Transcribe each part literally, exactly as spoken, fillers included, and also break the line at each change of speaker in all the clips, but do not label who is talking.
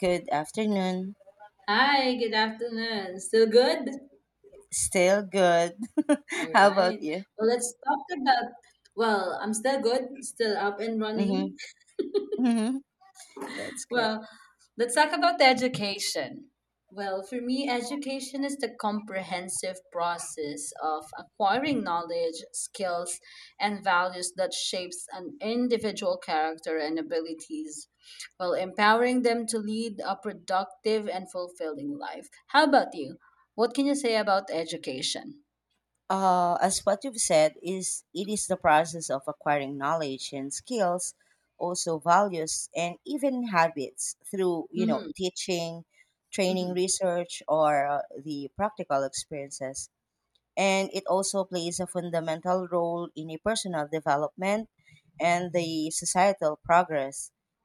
Good afternoon.
Hi, good afternoon. Still good?
Still good.
All
How
right.
about you?
Well, let's talk about. Well, I'm still good, still up and running.
Mm-hmm. Mm-hmm. That's good.
Well, let's talk about the education. Well, for me, education is the comprehensive process of acquiring knowledge, skills, and values that shapes an individual character and abilities, while empowering them to lead a productive and fulfilling life. How about you? What can you say about education?
Uh, as what you've said, is it is the process of acquiring knowledge and skills, also values and even habits through, you know
Mhm,
teaching, training,
mhm,
research, or uh, the practical experiences. And it also plays a fundamental role in a personal development and the societal progress,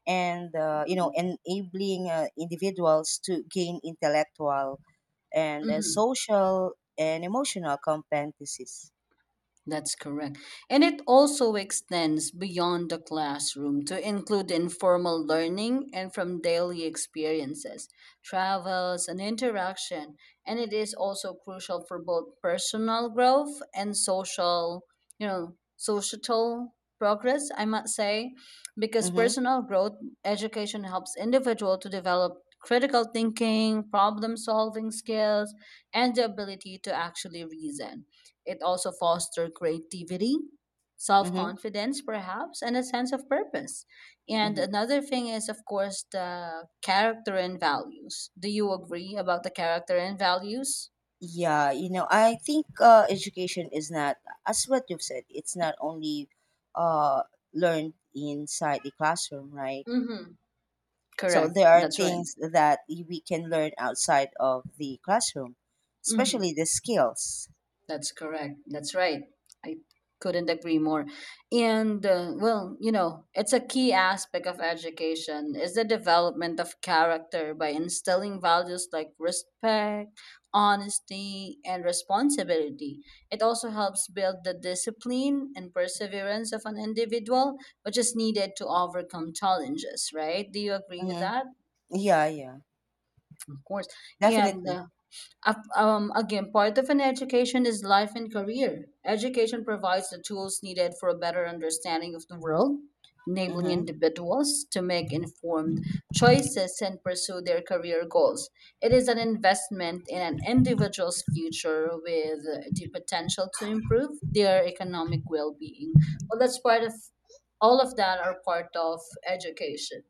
and uh, you know
mhm,
enabling uh, individuals to gain intellectual and uh,
mhm.
social and emotional competencies.
That's correct. And it also extends beyond the classroom to include informal learning and from daily experiences, travels, and interaction. And it is also crucial for both personal growth and social, you know, societal progress, I might say, because
Mm-hmm,
personal growth education helps individual to develop critical thinking, problem solving skills, and the ability to actually reason it also fosters creativity, self
mm-hmm,
confidence, perhaps, and a sense of purpose. And
mm-hmm.
another thing is, of course, the character and values. Do you agree about the character and values?
Yeah, you know I think uh, education is not, as what you've said, it's not only uh, learned inside the classroom, right?
Mm-hmm.
So
Correct.
there are
That's right.
things that y- we can learn outside of the classroom,
Mm-hmm.
especially the skills.
That's correct. That's right. I couldn't agree more. And uh, well, you know, it's a key aspect of education is the development of character by instilling values like respect, honesty, and responsibility. It also helps build the discipline and perseverance of an individual, which is needed to overcome challenges, right? Do you agree with
Mm-hmm.
that?
Yeah, yeah,
Of course. And
definitely.
uh, Ap- Um, again, part of an education is life and career. Education provides the tools needed for a better understanding of the world, enabling
Mm-hmm.
individuals to make informed choices and pursue their career goals. It is an investment in an individual's future with the potential to improve their economic well being. Well, that's part of All of that are part of education.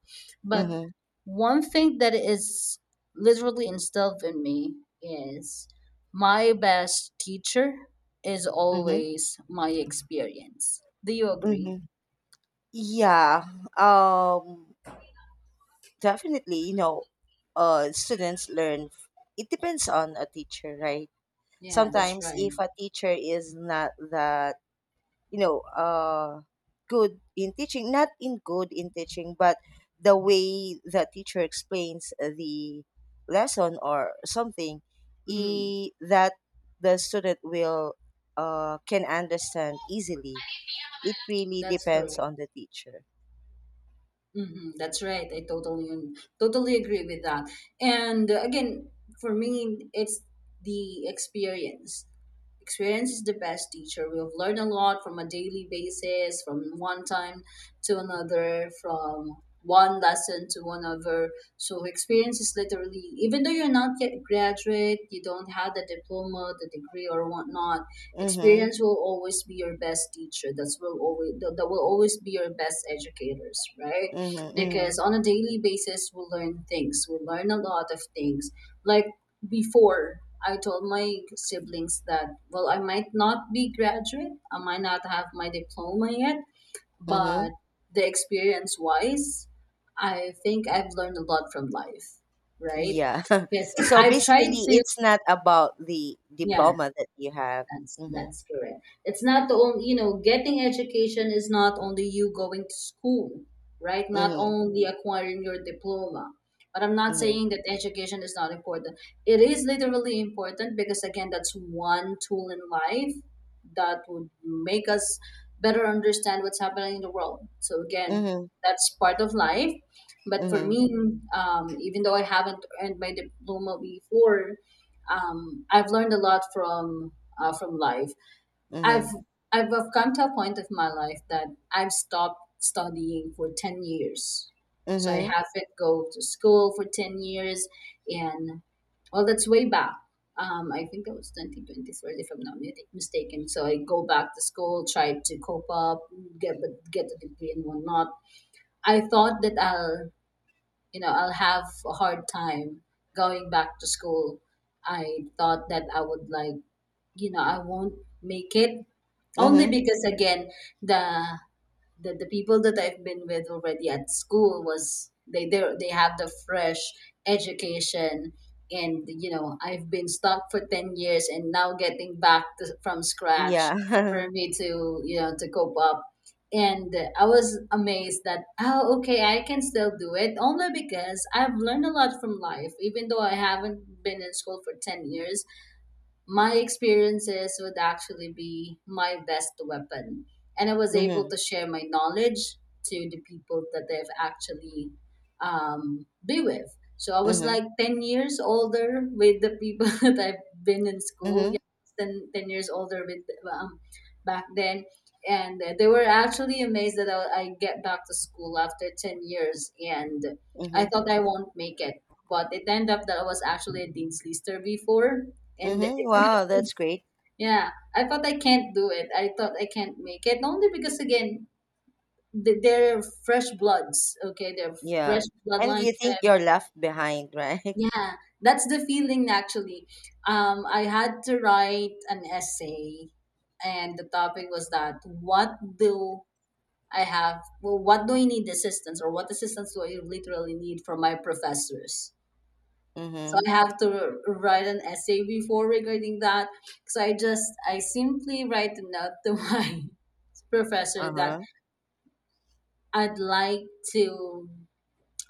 But
Mm-hmm.
one thing that is literally instilled in me is my best teacher is
Mm-hmm.
always my experience. Do you agree?
Mm-hmm. Yeah, um, definitely. You know, uh, students learn. f- It depends on a teacher, right?
Yeah, that's
Sometimes,
right.
if a teacher is not that, you know uh good in teaching, not in good in teaching but the way the teacher explains the lesson or something,
Mhm.
i- that the student will, uh, can understand easily. It really
That's
depends
correct.
on the teacher.
Hmm that's right. I totally totally agree with that. And uh, again, for me, it's the experience. Experience is the best teacher. We have learned a lot from a daily basis, from one time to another, from one lesson to another. So experience is literally, even though you're not yet graduate, you don't have the diploma, the degree, or whatnot.
Mm-hmm,
Experience will always be your best teacher. That's will always that that will always be your best educators, right?
mm-hmm, mm-hmm,
Because on a daily basis we learn things, we learn a lot of things like before. I told my siblings that well, I might not be graduate, I might not have my diploma yet,
mm-hmm.
but the experience wise, I think I've learned a lot from life, right?
Yeah.
because
So
I've tried
basically
to
it's not about the
Yeah,
diploma that you have.
that's
Mm-hmm,
that's correct. It's not the only, you know, getting education is not only you going to school, right? Not
mm-hmm,
only acquiring your diploma. But I'm not
mm-hmm,
saying that education is not important. It is literally important because again, that's one tool in life that would make us better understand what's happening in the world. So again,
mm-hmm,
that's part of life. But for
mm-hmm,
me, um, even though I haven't earned my diploma before, um, I've learned a lot from uh, from life. I've, I've I've come to a point of my life that I've stopped studying for ten years. So I
mm-hmm.
haven't go to school for ten years, and well, that's way back. Um, I think that was twenty twenty-three, if I'm not mi- mistaken. So I go back to school, try to cope up, get but get a degree and whatnot. I thought that I'll, you know, I'll have a hard time going back to school. I thought that I would like, you know, I won't make it only
Mm-hmm.
because again, the, the the people that I've been with already at school was they they they have the fresh education. And you know, I've been stuck for ten years and now getting back to, from scratch
Yeah.
for me to, you know, to cope up. And I was amazed that, oh, okay, I can still do it only because I've learned a lot from life even though I haven't been in school for ten years. My experiences would actually be my best weapon. And I was able
Mm-hmm.
to share my knowledge to the people that I've actually um, be with. So I was
Mm-hmm.
like ten years older with the people that I've been in school.
Mm-hmm.
Yeah, ten, ten years older with um, back then. And they were actually amazed that I, I get back to school after ten years. And I
Mm-hmm.
thought I won't make it. But it ended up that I was actually a Dean's Lister before, and
Mm-hmm.
it's a good
Wow,
thing.
that's great.
Yeah, I thought I can't do it. I thought I can't make it only because again, th- they're fresh bloods. Okay, they're fresh
Yeah. And
bloodlines.
you think
And
you're left behind, right?
yeah, that's the feeling actually. Um, I had to write an essay, and the topic was that what do I have? Well, what do I need assistance, or what assistance do I literally need from my professors? So
Mm-hmm.
I have to write an essay before regarding that. So I just, I simply write a note to my professor that
Uh-huh.
I'd like to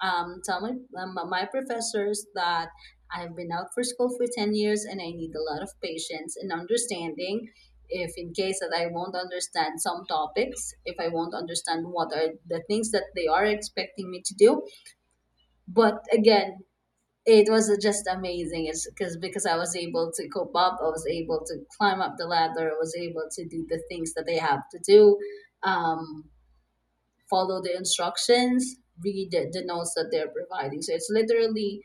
um, tell my, um, my professors that I've been out for school for ten years and I need a lot of patience and understanding if in case that I won't understand some topics, if I won't understand what are the things that they are expecting me to do. But again, it was just amazing. It's because because I was able to cope up, I was able to climb up the ladder, I was able to do the things that they have to do, um, follow the instructions, read the, the notes that they're providing. So it's literally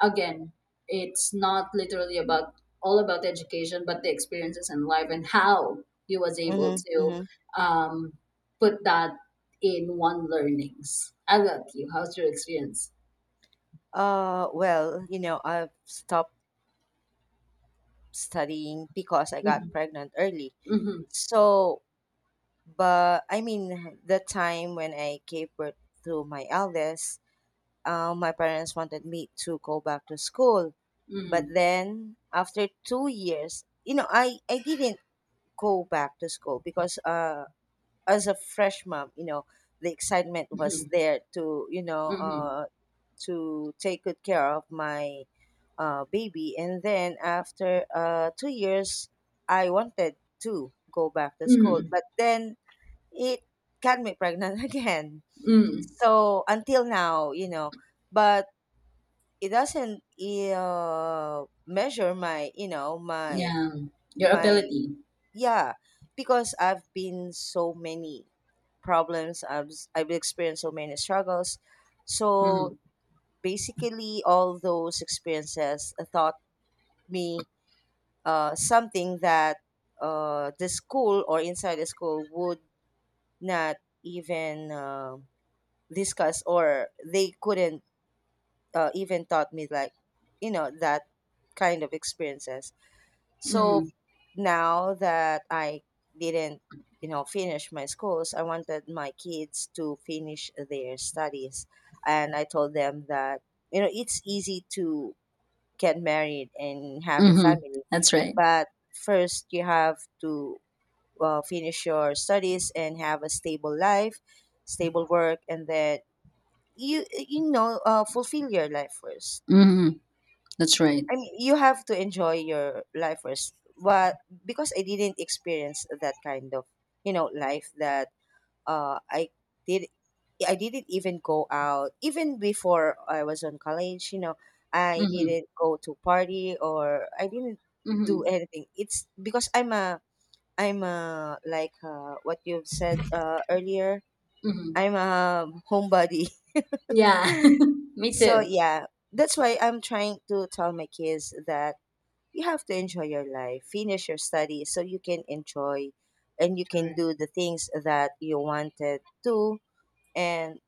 again, it's not literally about all about education but the experiences in life and how you was able
Mm-hmm.
to
Mm-hmm.
um, put that in one learnings. I love you. How's your experience?
Uh well, you know, I've stopped studying because I
hmm
got pregnant early.
hmm
So, but I mean, the time when I gave birth to my eldest, uh, my parents wanted me to go back to school. But
hmm
then after two years, you know, I, I didn't go back to school because, uh, as a fresh mom, you know, the excitement was
hmm
there to, you know
Mhm.
uh, to take good care of my uh, baby, and then after uh, two years, I wanted to go back to school,
Mhm.
but then it got me pregnant again.
Mm.
So until now, you know, but it doesn't, uh, measure my you know my
Yeah. Your
my
ability.
Yeah, because I've been so many problems, i've s- i've experienced so many struggles. So
Mhm.
basically all those experiences taught me uh, something that uh, the school, or inside the school, would not even uh, discuss, or they couldn't uh, even taught me, like, you know, that kind of experiences. So
Mhm.
now that I didn't, you know, finish my schools, I wanted my kids to finish their studies. And I told them that, you know, it's easy to get married and have a
Mhm.
family,
That's right.
but first you have to, uh, finish your studies and have a stable life, stable work, and then you you know uh, fulfill your life first.
Mhm. That's right.
I mean, you have to enjoy your life first. But because I didn't experience that kind of, you know, life that, uh I did I didn't even go out even before I was on college, you know, I
Mhm.
didn't go to party or I didn't do
Mhm.
anything. It's because I'm a I'm a, like, uh, what you've said uh, earlier,
Mhm.
I'm a homebody.
Yeah. Me
So
too.
yeah, that's why I'm trying to tell my kids that you have to enjoy your life, finish your studies so you can enjoy and you can
Correct.
do the things that you wanted to. And,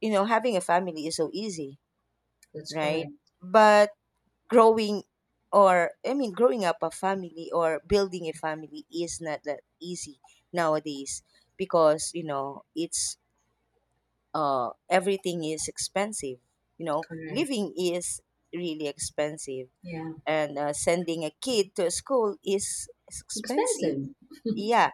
you know, having a family is so easy,
That's
right?
correct.
But growing, or I mean, growing up a family or building a family is not that easy nowadays because, you know, it's, uh, everything is expensive. You know,
Correct.
living is really expensive,
Yeah.
and uh, sending a kid to a school is is expensive.
Expensive.
Yeah.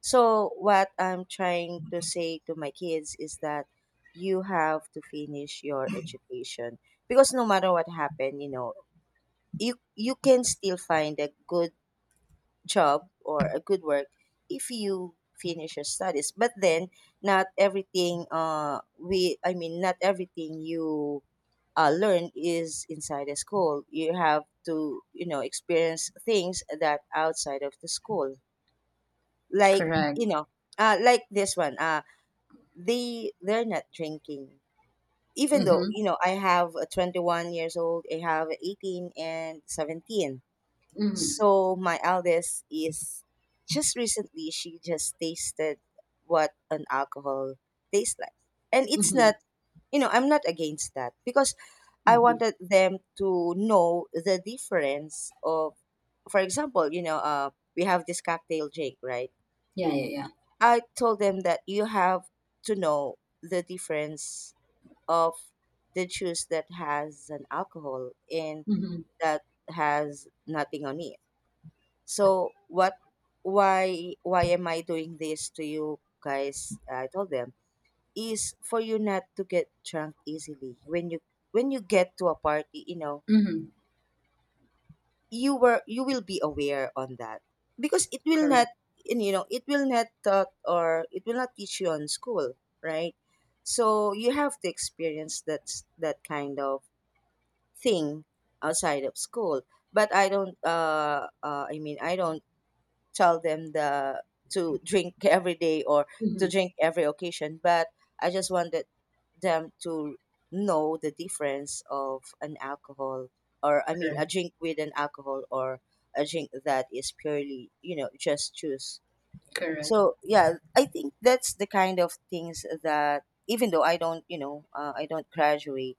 So what I'm trying to say to my kids is that you have to finish your education because no matter what happened, you know, you you can still find a good job or a good work if you finish your studies. But then, not everything uh we I mean, not everything you uh, learn is inside a school. You have to, you know, experience things that outside of the school. Like,
Correct.
you know, uh, like this one, uh, they, they're not drinking. Even though, you
Mhm.
know, I have a twenty-one years old, I have eighteen and seventeen.
Mhm.
So my eldest is just recently, she just tasted what an alcohol tastes like. And it's
Mhm.
not, you know, I'm not against that because I
Mhm.
wanted them to know the difference of, for example, you know, uh, we have this cocktail drink, right?
Yeah. Yeah. Yeah.
I told them that you have to know the difference of the juice that has an alcohol and
Mhm.
that has nothing on it. So, what why why am I doing this to you guys? I told them is for you not to get drunk easily. When you, when you get to a party, you know,
Mhm.
you were you will be aware on that, because it will not,
Correct.
and, you know, it will not taught or it will not teach you on school, right? So you have to experience that s- that kind of thing outside of school. But I don't, uh, uh I mean, I don't tell them the to drink every day or to
Mhm.
drink every occasion, but I just wanted them to know the difference of an alcohol, or I mean, a
Correct.
drink with an alcohol or a drink that is purely, you know, just juice.
Correct.
So yeah, I think that's the kind of things that even though I don't, you know uh, I don't graduate,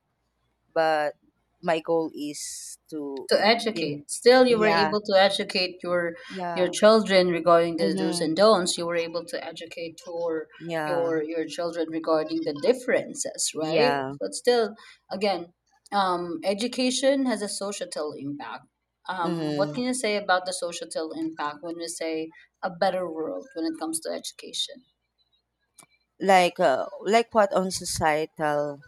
but my goal is to,
To
in.
educate. Still, you were
Yeah,
able to educate your your
yeah.
children regarding the do's
Hmm.
and don'ts. You were able to educate your
Yeah,
your your children regarding the differences, right?
yeah.
But still, again, um, education has a societal impact. Um, what can
Mhm.
you say about the societal impact when we say a better world when it comes to education?
Like, uh, like, what on societal?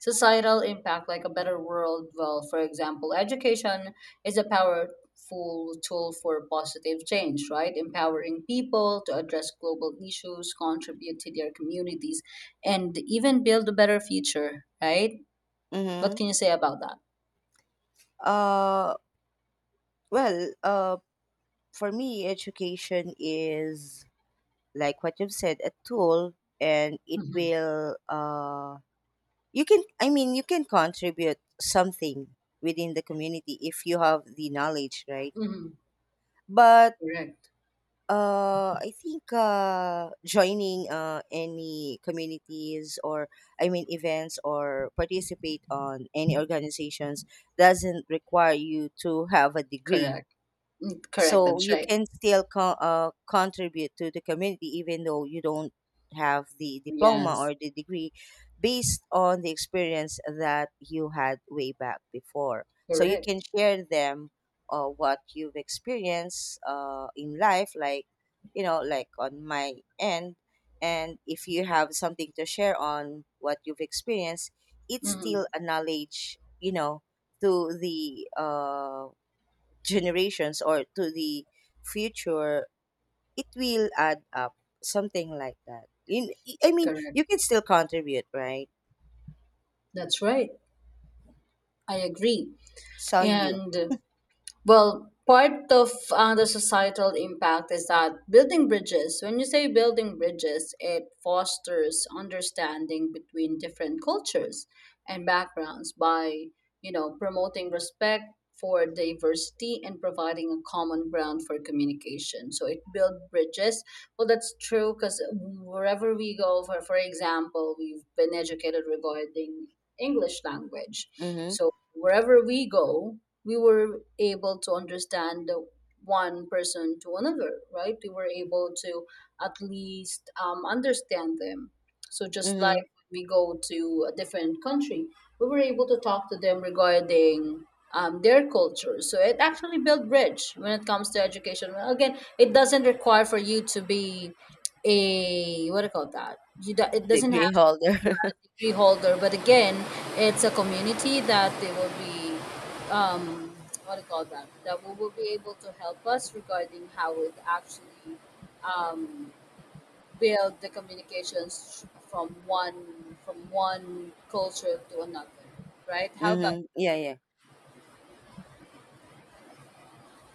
Societal impact, like a better world, well, for example, education is a powerful tool for positive change, right? Empowering people to address global issues, contribute to their communities, and even build a better future, right? What
Mm-hmm.
can you say about that?
Uh, well, uh, for me, education is like what you've said, a tool, and it
Mm-hmm.
will uh, you can, I mean, you can contribute something within the community if you have the knowledge, right?
Mm-hmm.
But,
Correct.
Uh, I think uh, joining uh, any communities, or I mean events, or participate on any organizations doesn't require you to have a degree,
Correct. Correct.
so
That's
you
right.
can still co- uh, contribute to the community even though you don't have the diploma
Yes.
or the degree, based on the experience that you had way back before, so you can
Correct.
share them, uh, what you've experienced uh, in life, like, you know, like on my end. And if you have something to share on what you've experienced, it's
Mm-hmm.
still a knowledge, you know, to the uh, generations or to the future, it will add up, something like that. In, I mean,
Correct.
you can still contribute, right?
That's right. I agree.
Saw you,
And well, part of uh, the societal impact is that building bridges. When you say building bridges, it fosters understanding between different cultures and backgrounds by, you know, promoting respect for diversity and providing a common ground for communication. So it build bridges. Well, that's true because wherever we go, for, for example, we've been educated regarding English language.
Mhm.
So wherever we go, we were able to understand the one person to another, right? We were able to at least um, understand them. So just
Mhm.
like we go to a different country, we were able to talk to them regarding um, their culture. So it actually built bridge when it comes to education. Well, again, it doesn't require for you to be a what do you call that? You do, it doesn't
Degree
have to be
holder.
a degree holder, but again, it's a community that they will be um, what do you call that, that we will be able to help us regarding how it actually um, build the communications from one from one culture to another, right? How about?
Mhm. Yeah, yeah.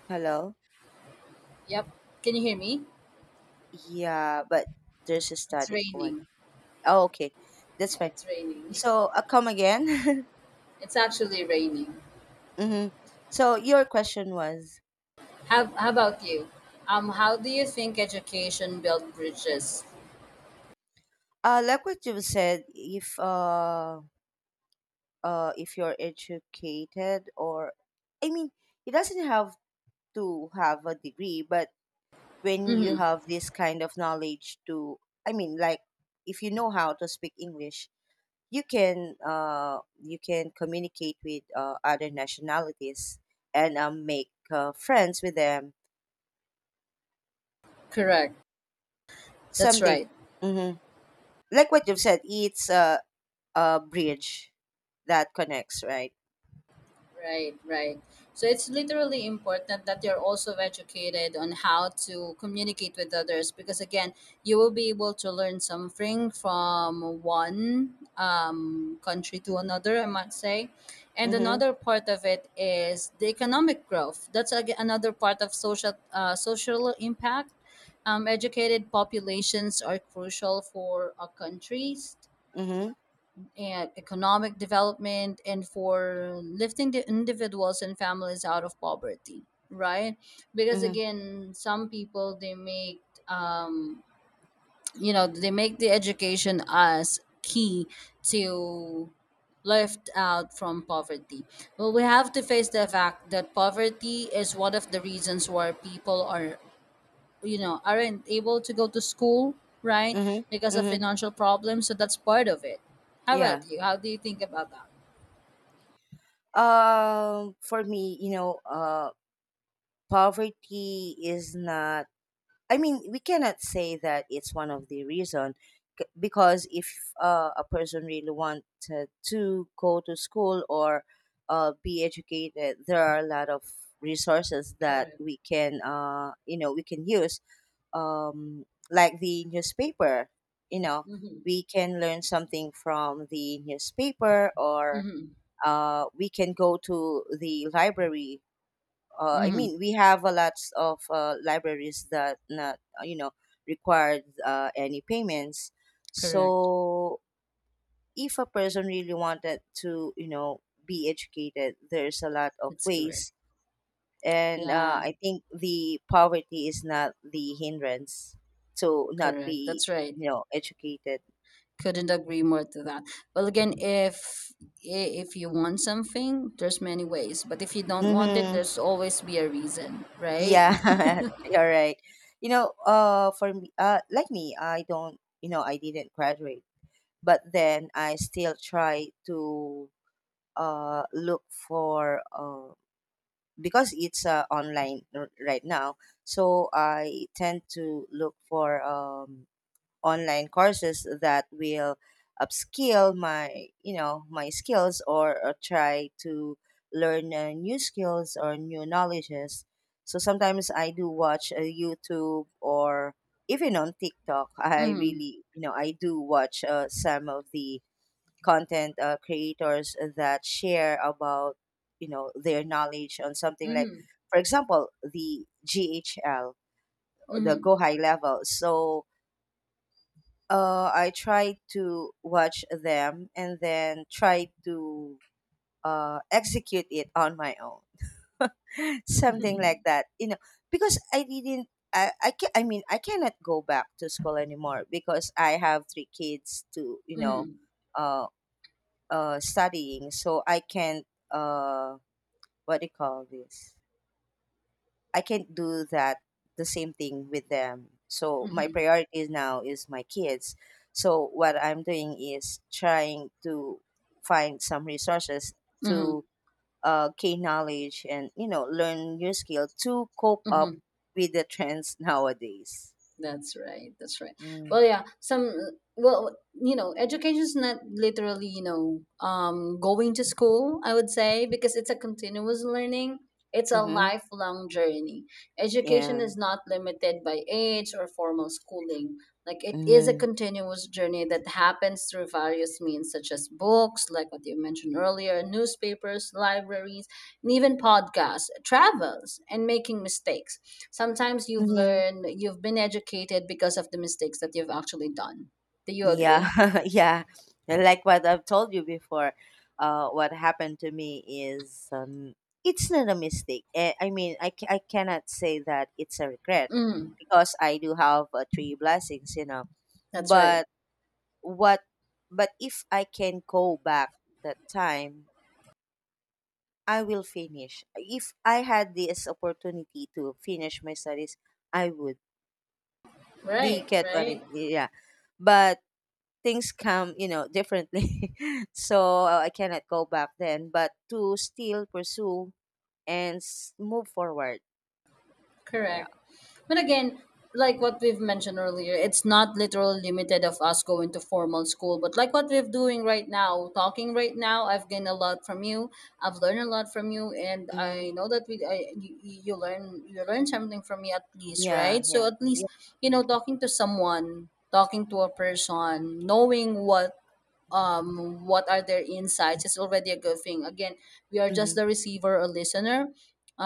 Hello?
Yep. Can you hear me?
Yeah, but there's a
It's
static one.
raining.
Oh, okay. That's
Yeah,
fine.
it's raining.
So, uh, come again.
It's actually raining.
Mhm. So, your question was,
How, how about you? Um, how do you think education build bridges?
uh, like what you said, if, uh, uh, if you're educated, or I mean, it doesn't have to have a degree, but when you
Mm-hmm,
have this kind of knowledge to, I mean, like, if you know how to speak English, you can uh, you can communicate with uh, other nationalities and, um, make uh, friends with them,
correct. That's
something.
right.
Mhm. Like what you've said, it's a, a bridge that connects, right?
Right, right. So it's literally important that you're also educated on how to communicate with others because again, you will be able to learn something from one um, country to another, I might say. And
Mm-hmm,
another part of it is the economic growth. That's ag- another part of social uh, social impact. Um, educated populations are crucial for a country
mm-hmm,
and economic development and for lifting the individuals and families out of poverty, right? Because
mm-hmm,
again, some people they make um you know, they make the education as key to lift out from poverty. Well, we have to face the fact that poverty is one of the reasons why people are, you know, aren't able to go to school, right?
mm-hmm,
Because of
mm-hmm.
financial problems, so that's part of it. How
Yeah.
about you? How do you think about that?
Um, for me, you know, uh, poverty is not. I mean, we cannot say that it's one of the reason, c- because if uh, a person really wanted to go to school or uh, be educated, there are a lot of resources that we can, uh, you know, we can use. Um, like the newspaper, you know,
Mm-hmm.
we can learn something from the newspaper or,
Mm-hmm.
uh, we can go to the library. Uh, I
Mm-hmm.
mean, we have a lot of uh, libraries that not, uh, you know, required uh, any payments.
Correct.
So if a person really wanted to, you know, be educated, there's a lot of
That's correct.
ways, and uh,
Yeah,
I think the poverty is not the hindrance to not
correct.
be,
That's right.
you know, educated.
Couldn't agree more to that. Well, again, if i- if you want something, there's many ways, but if you don't want it,
Hmm.
there's always be a reason, right?
Yeah, you're right. You know, uh, for me, uh, like me, I don't, you know, I didn't graduate, but then I still try to uh look for, uh because it's uh online r- right now, so I tend to look for um online courses that will upskill my you know my skills, or, or try to learn uh, new skills or new knowledges. So sometimes I do watch uh, YouTube or even on TikTok, I
Mm-hmm.
really, you know, I do watch uh, some of the content uh, creators that share about, you know, their knowledge on something, like
Mm-hmm.
for example the G H L, the
Mm-hmm.
Go High Level. So uh, I try to watch them and then try to uh, execute it on my own, something like that. You know, because I didn't. I I, can, I mean, I cannot go back to school anymore because I have three kids to, you know,
Mm-hmm.
uh, uh, studying. So I can't. Uh, what do you call this? I can't do that, the same thing with them. So my
Mm-hmm.
priority now is my kids. So what I'm doing is trying to find some resources to
Mm-hmm.
uh, gain knowledge and you know learn new skill to cope up
Mm-hmm.
with the trends nowadays.
That's right. That's right.
Mm.
Well, yeah. Some well, you know, education is not literally, you know, um, going to school, I would say, because it's a continuous learning. It's a
Mm-hmm.
lifelong journey. Education
Yeah.
is not limited by age or formal schooling. Like, it is a
Mm-hmm.
continuous journey that happens through various means, such as books, like what you mentioned earlier, newspapers, libraries, and even podcasts, travels, and making mistakes. Sometimes you've
Mm-hmm.
learned, you've been educated because of the mistakes that you've actually done. Do you
Yeah,
agree?
yeah. Like what I've told you before, uh, what happened to me is um, it's not a mistake. Eh, I mean, I, ca- I cannot say that it's a regret
Mm,
because I do have uh, three blessings, you know.
that's right.
But what? But if I can go back that time, I will finish. If I had this opportunity to finish my studies, I would. Do you
Right,
get what I
right.
mean? Yeah. But things come, you know, differently. So uh, I cannot go back then, but to still pursue and s- move forward. Yeah.
Correct. But again, like what we've mentioned earlier, it's not literal limited of us going to formal school, but like what we're doing right now, talking right now, I've gained a lot from you. I've learned a lot from you, and
Mm-hmm.
I know that we, I, you, you learn, you learn something from me at least,
Yeah.
right? So
Yeah.
at
Yeah.
least, you know, talking to someone, talking to a person, knowing what um, what are their insights is already a good thing. Again, we are just
Mm-hmm.
the receiver or listener,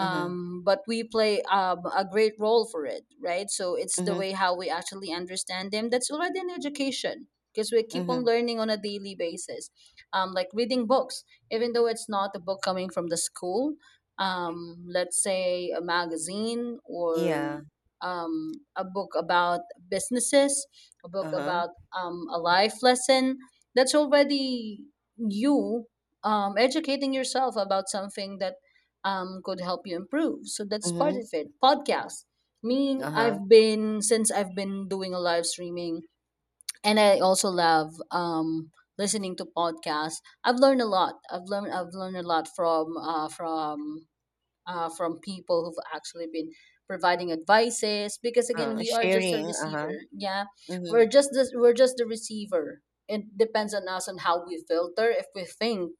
Mm-hmm.
but we play um, a great role for it, right? So it's the
Mm-hmm.
way how we actually understand them. That's already an education because we keep on
Mm-hmm.
learning on a daily basis, um, like reading books, even though it's not a book coming from the school. Um, let's say a magazine or
Yeah.
um, a book about businesses, a book
Uh huh.
about um, a life lesson. That's already you um, educating yourself about something that um, could help you improve. So that's part
Mm-hmm.
of it. Podcast. Me,
Uh huh.
I've been since I've been doing a live streaming, and I also love um, listening to podcasts. I've learned a lot. I've learned I've learned a lot from uh, from uh, from people who've actually been providing advices, because again,
Uh,
we are just a
sharing. Uh huh.
receiver, yeah, we're
Mm-hmm.
just the, we're just the receiver. It depends on us on how we filter. If we think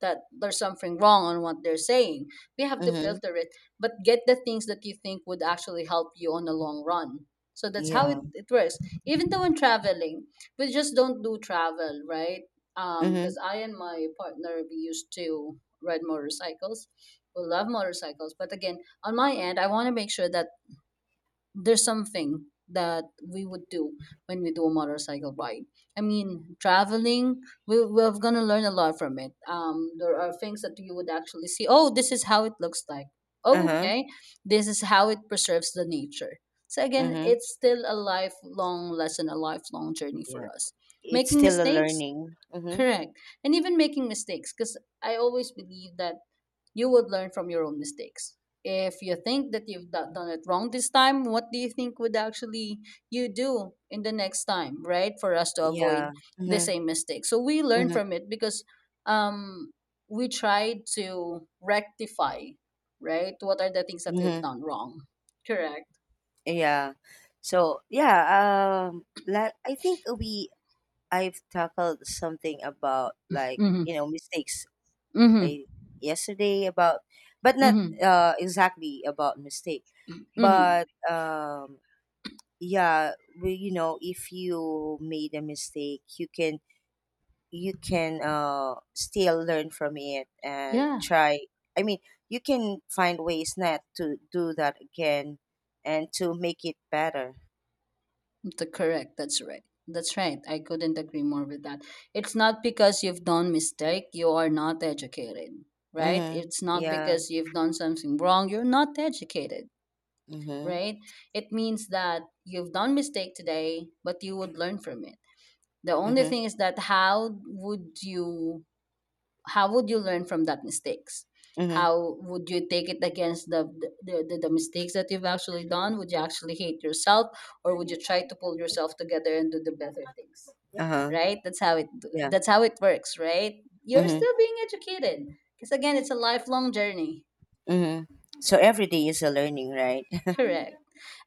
that there's something wrong on what they're saying, we have to
Mm-hmm.
filter it, but get the things that you think would actually help you on the long run. So that's how it,
Yeah.
it works, even though in traveling. We just don't do travel, right? Um
Mm-hmm.
because I and my partner, we used to ride motorcycles, will love motorcycles. But again, on my end, I want to make sure that there's something that we would do when we do a motorcycle ride. I mean, traveling, we, we're going to learn a lot from it. Um, there are things that you would actually see. Oh, this is how it looks like.
Uh
Oh,
huh.
okay. This is how it preserves the nature. So again,
Mm-hmm.
it's still a lifelong lesson, a lifelong journey for
Yeah.
us.
It's
Making
still a
mistakes,
learning. Mm-hmm.
correct, and even making mistakes, because I always believe that you would learn from your own mistakes. If you think that you've do- done it wrong this time, what do you think would actually you do in the next time, right? For us to avoid
Yeah.
the
Mm-hmm.
same mistake. So we learn
Mm-hmm.
from it because um, we try to rectify, right? What are the things that we've
Mm-hmm.
done wrong? Correct.
Yeah. So yeah. Um. la- I think we I've tackled something about like
Mm-hmm.
you know mistakes.
Mm-hmm.
I yesterday about, but not
Mm-hmm.
uh, exactly about mistake,
Mm-hmm.
but um, yeah, we, you know if you made a mistake, you can you can uh, still learn from it and
Yeah.
try. I mean, you can find ways not to do that again and to make it better.
The correct. That's right. That's right. I couldn't agree more with that. It's not because you've done mistake you are not educated, right?
Mm-hmm.
It's not
Yeah.
because you've done something wrong you're not educated,
Mm-hmm.
right? It means that you've done mistake today, but you would learn from it. The only
Mm-hmm.
thing is that how would you how would you learn from that mistakes,
Mm-hmm.
how would you take it against the the, the, the mistakes that you've actually done. Would you actually hate yourself, or would you try to pull yourself together and do the better things,
Uh-huh.
right? that's how it
Yeah.
that's how it works, right? You're
Mm-hmm.
still being educated, because again, it's a lifelong journey.
Mhm. So every day is a learning, right?
Correct.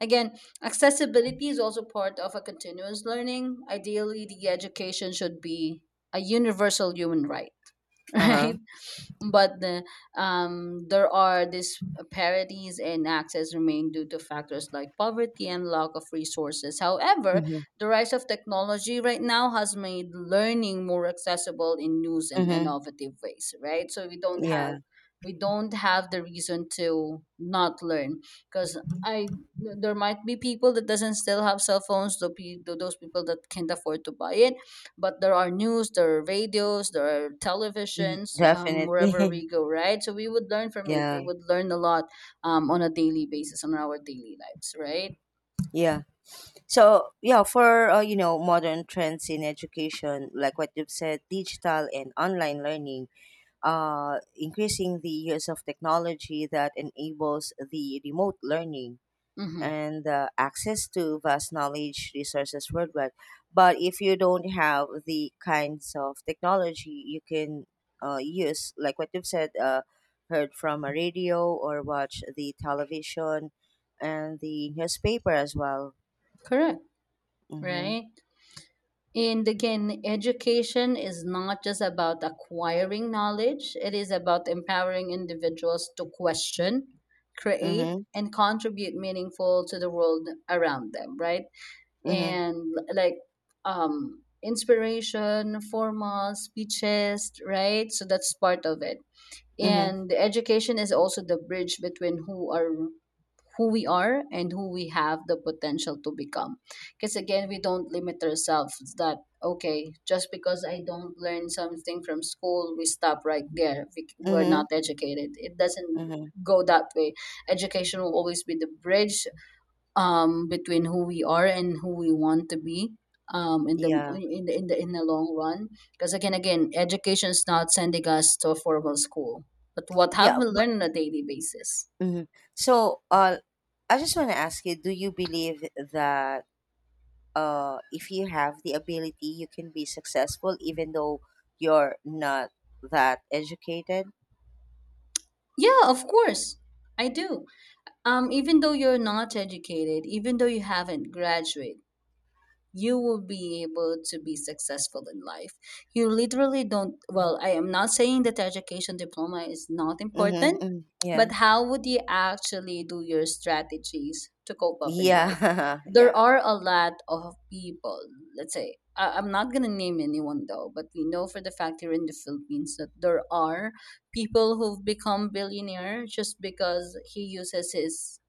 Again, accessibility is also part of a continuous learning. Ideally, the education should be a universal human right.
Uh-huh.
Right. But the, um, there are these parodies and access remain due to factors like poverty and lack of resources. However,
Mhm.
the rise of technology right now has made learning more accessible in new and
Mhm.
innovative ways, right? So we don't have
Yeah.
we don't have the reason to not learn, because I there might be people that doesn't still have cell phones, the pe- those people that can't afford to buy it. But there are news, there are radios, there are
Mhm.
televisions, um, wherever
Definitely.
we go, right? So we would learn from it, we
Yeah.
would learn a lot, um, on a daily basis, on our daily lives, right?
Yeah. So, yeah, for uh, you know, modern trends in education, like what you've said, digital and online learning, uh increasing the use of technology that enables the remote learning
Mm-hmm.
and the access to vast knowledge resources worldwide. But if you don't have the kinds of technology you can uh, use, like what you've said, uh, heard from a radio or watch the television and the newspaper as well.
Correct.
Mm-hmm.
Right. And again, education is not just about acquiring knowledge, it is about empowering individuals to question, create,
Mm-hmm.
and contribute meaningful to the world around them, right?
Mm-hmm.
And like, um, inspiration formal speeches, right? So that's part of it.
Mm-hmm.
And the education is also the bridge between who are who we are and who we have the potential to become. Because again, we don't limit ourselves that okay, just because I don't learn something from school, we stop right there. we, we're not
Mm-hmm.
educated. It doesn't
Mm-hmm.
go that way. Education will always be the bridge, um, between who we are and who we want to be, um, in the
Yeah.
in the in the in the long run. Because again, again, education is not sending us to a formal school, but what have
Yeah.
we
But,
learned on a daily basis?
mhm. So, uh, I just want to ask you: Do you believe that, uh, if you have the ability, you can be successful even though you're not that educated.
Yeah, of course, I do. Um, even though you're not educated, even though you haven't graduated, you will be able to be successful in life. You literally don't, well, I am not saying that education diploma is not
Mm-hmm,
important,
mm. Yeah.
but how would you actually do your strategies to cope up in life?
Yeah.
There
yeah.
are a lot of people, let's say, I- I'm not going to name anyone, though, but we know for the fact here in the Philippines that there are people who've become billionaire just because he uses his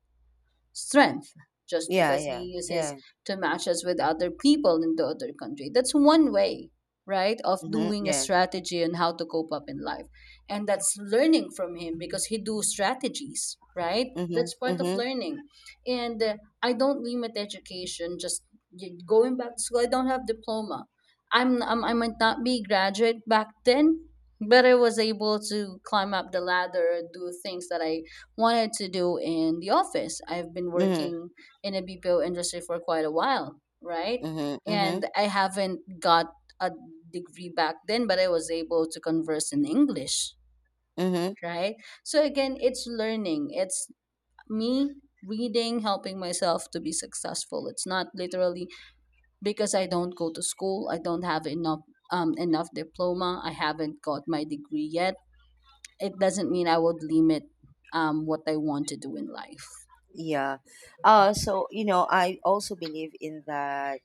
strength, just
Yeah.
because
Yeah.
he uses
Yeah.
to match us with other people in the other country. That's one way, right, of
Mm-hmm,
doing a
yeah.
strategy on how to cope up in life. And that's learning from him because he do strategies, right?
Mm-hmm,
That's part of
mm-hmm,
learning. And uh, I don't limit education just y- going back to school. I don't have diploma. I'm, I'm I might not be graduate back then, but I was able to climb up the ladder, do things that I wanted to do in the office. I've been
mm-hmm,
working in a B P O industry for quite a while, right?
mm-hmm, mm-hmm,
And I haven't got a degree back then, but I was able to converse in English,
mm-hmm.
right? So again, it's learning. It's me reading, helping myself to be successful. It's not literally because I don't go to school, I don't have enough um, enough diploma, I haven't got my degree yet. It doesn't mean I would limit um, what I want to do in life.
Yeah. Uh, so, you know, I also believe in that,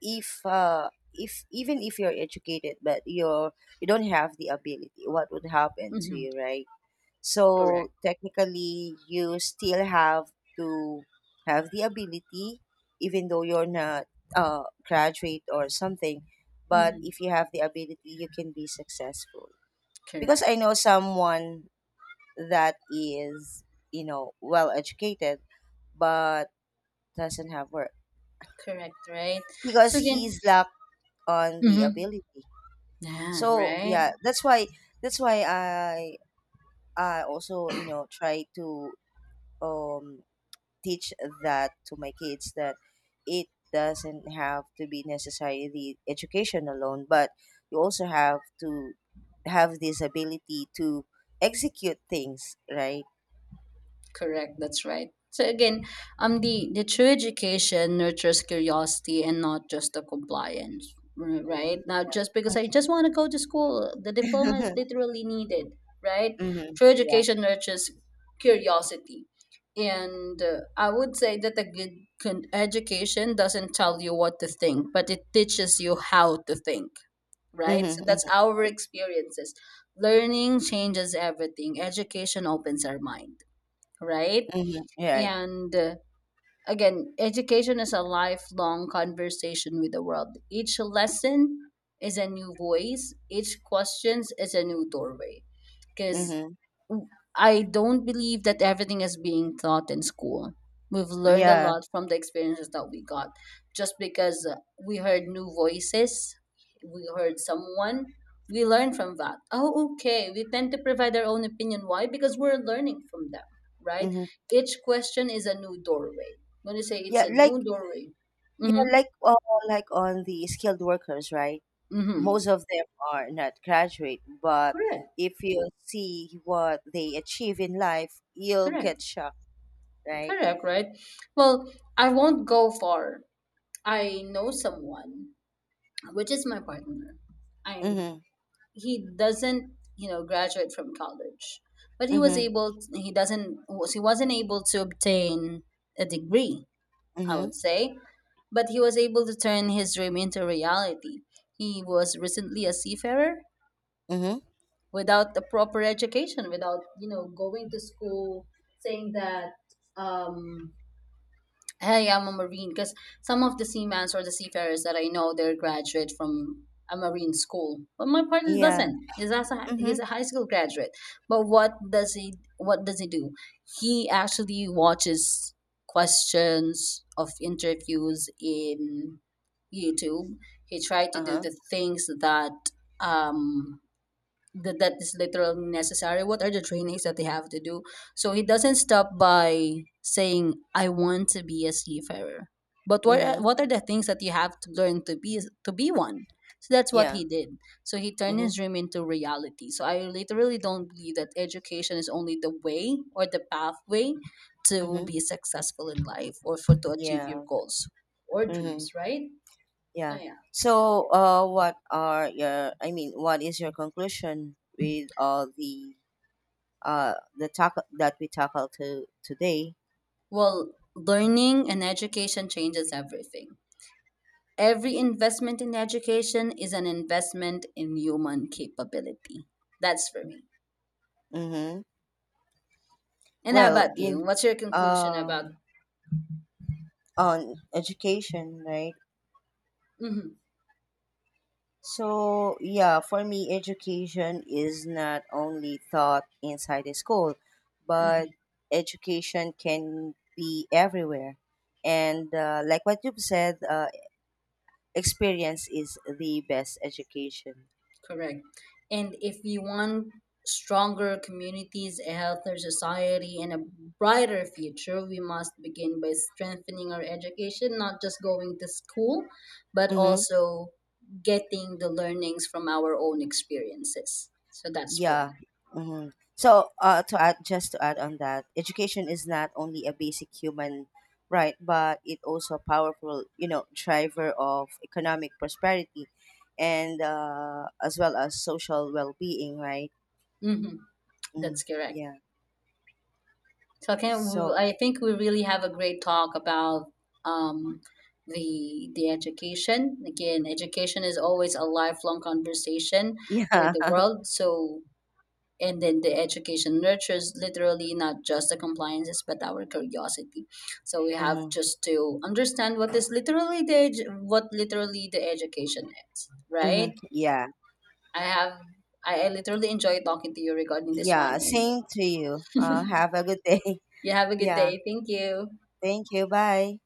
if uh if even if you're educated but you're you don't have the ability, what would happen to
Mm-hmm.
you, right?
Correct.
So technically you still have to have the ability even though you're not uh graduate or something, but
Mm-hmm.
if you have the ability you can be successful, because
Correct.
I know someone that is you know well educated but doesn't have work
Correct. Right.
because
So again,
he's lack on the
mm-hmm,
ability.
yeah.
So
Right.
yeah, that's why that's why I I also you know try to um teach that to my kids that it doesn't have to be necessarily education alone, but you also have to have this ability to execute things, right?
Correct. That's right. So again, um, the the true education nurtures curiosity and not just the compliance. r- Right.
Mhm.
Not just because I just want to go to school. The diploma is literally needed. Right.
Mm-hmm.
True
Yeah.
education nurtures curiosity. And uh, I would say that a good con- education doesn't tell you what to think, but it teaches you how to think, right?
Mm-hmm.
So that's
Mm-hmm.
our
Right.
experiences. Learning changes everything. Education opens our mind, right?
Mm-hmm. Right.
And uh, again, education is a lifelong conversation with the world. Each lesson is a new voice, each question is a new doorway. Because
Mm-hmm.
I don't believe that everything is being taught in school. We've learned a
Yeah.
lot from the experiences that we got just because uh, we heard new voices, we heard someone, we learn from that. Oh, okay. We tend to provide our own opinion. Why? Because we're learning from them, right?
Mm-hmm.
Each question is a new doorway. When you say it's
Yeah.
a
Like
new doorway,
yeah,
mm-hmm.
like uh, like on the skilled workers, right?
Mm-hmm.
Most of them are not graduate, but
Correct.
if you see what they achieve in life you'll
Correct.
get shocked, right?
Correct, right? Well, I won't go far. I know someone which is my partner. I
Mhm.
He doesn't you know graduate from college, but he was
Mhm.
able. he doesn't. Was, he wasn't able to obtain a degree, I
Mhm.
would say, but he was able to turn his dream into reality. He was recently a seafarer
Mhm.
without the proper education, without you know going to school, saying that, um, hey, I'm a Marine. Because some of the seamans or the seafarers that I know, they're graduate from a Marine school. But my partner
Yeah.
doesn't. He's as a, he's
Mhm.
a high school graduate. But what does he what does he do? He actually watches questions of interviews in YouTube. He tried to do
Uh-huh.
the things that um that that is literally necessary, what are the trainings that they have to do. So he doesn't stop by saying I want to be a seafarer, but what are,
Mhm.
what are the things that you have to learn to be to be one? So that's what
Yeah.
he did. So he turned
Mhm.
his dream into reality. So I literally don't believe that education is only the way or the pathway to
Mhm.
be successful in life, or for to achieve your
Yeah.
goals or dreams,
Mhm.
right? So
Yeah.
yeah.
So uh what are your, I mean what is your conclusion with all the uh the talk that we tackled to today?
Well, learning and education changes everything. Every investment in education is an investment in human capability. That's for me.
Mhm.
And how
Well
about you?
in
What's your conclusion about?
um on education, right?
Hmm.
So, yeah, for me, education is not only taught inside the school, but
Hmm.
education can be everywhere. And uh, like what you've said, uh, experience is the best education.
Correct. And if you want stronger communities, a healthier society, and a brighter future, we must begin by strengthening our education, not just going to school, but
Mm-hmm.
also getting the learnings from our own experiences. So that's for
Yeah.
me.
Hmm. So, uh, to add, just to add on that, education is not only a basic human right, but it also a powerful, you know, driver of economic prosperity, and uh, as well as social well-being, right?
Hmm.
Mm,
That's correct.
yeah.
So I can
So,
I think we really have a great talk about um, the the education. Again, education is always a lifelong conversation with
yeah.
the world. So and then the education nurtures literally not just the compliances but our curiosity. So we have
Hmm.
just to understand what is literally the edu- what literally the education is,
Hmm.
right?
Yeah.
I have I, I literally enjoy talking to you regarding this one
Yeah.
and
Same to you. Uh, have a good day.
you have a good
Yeah.
day. Thank you.
Thank you. Bye.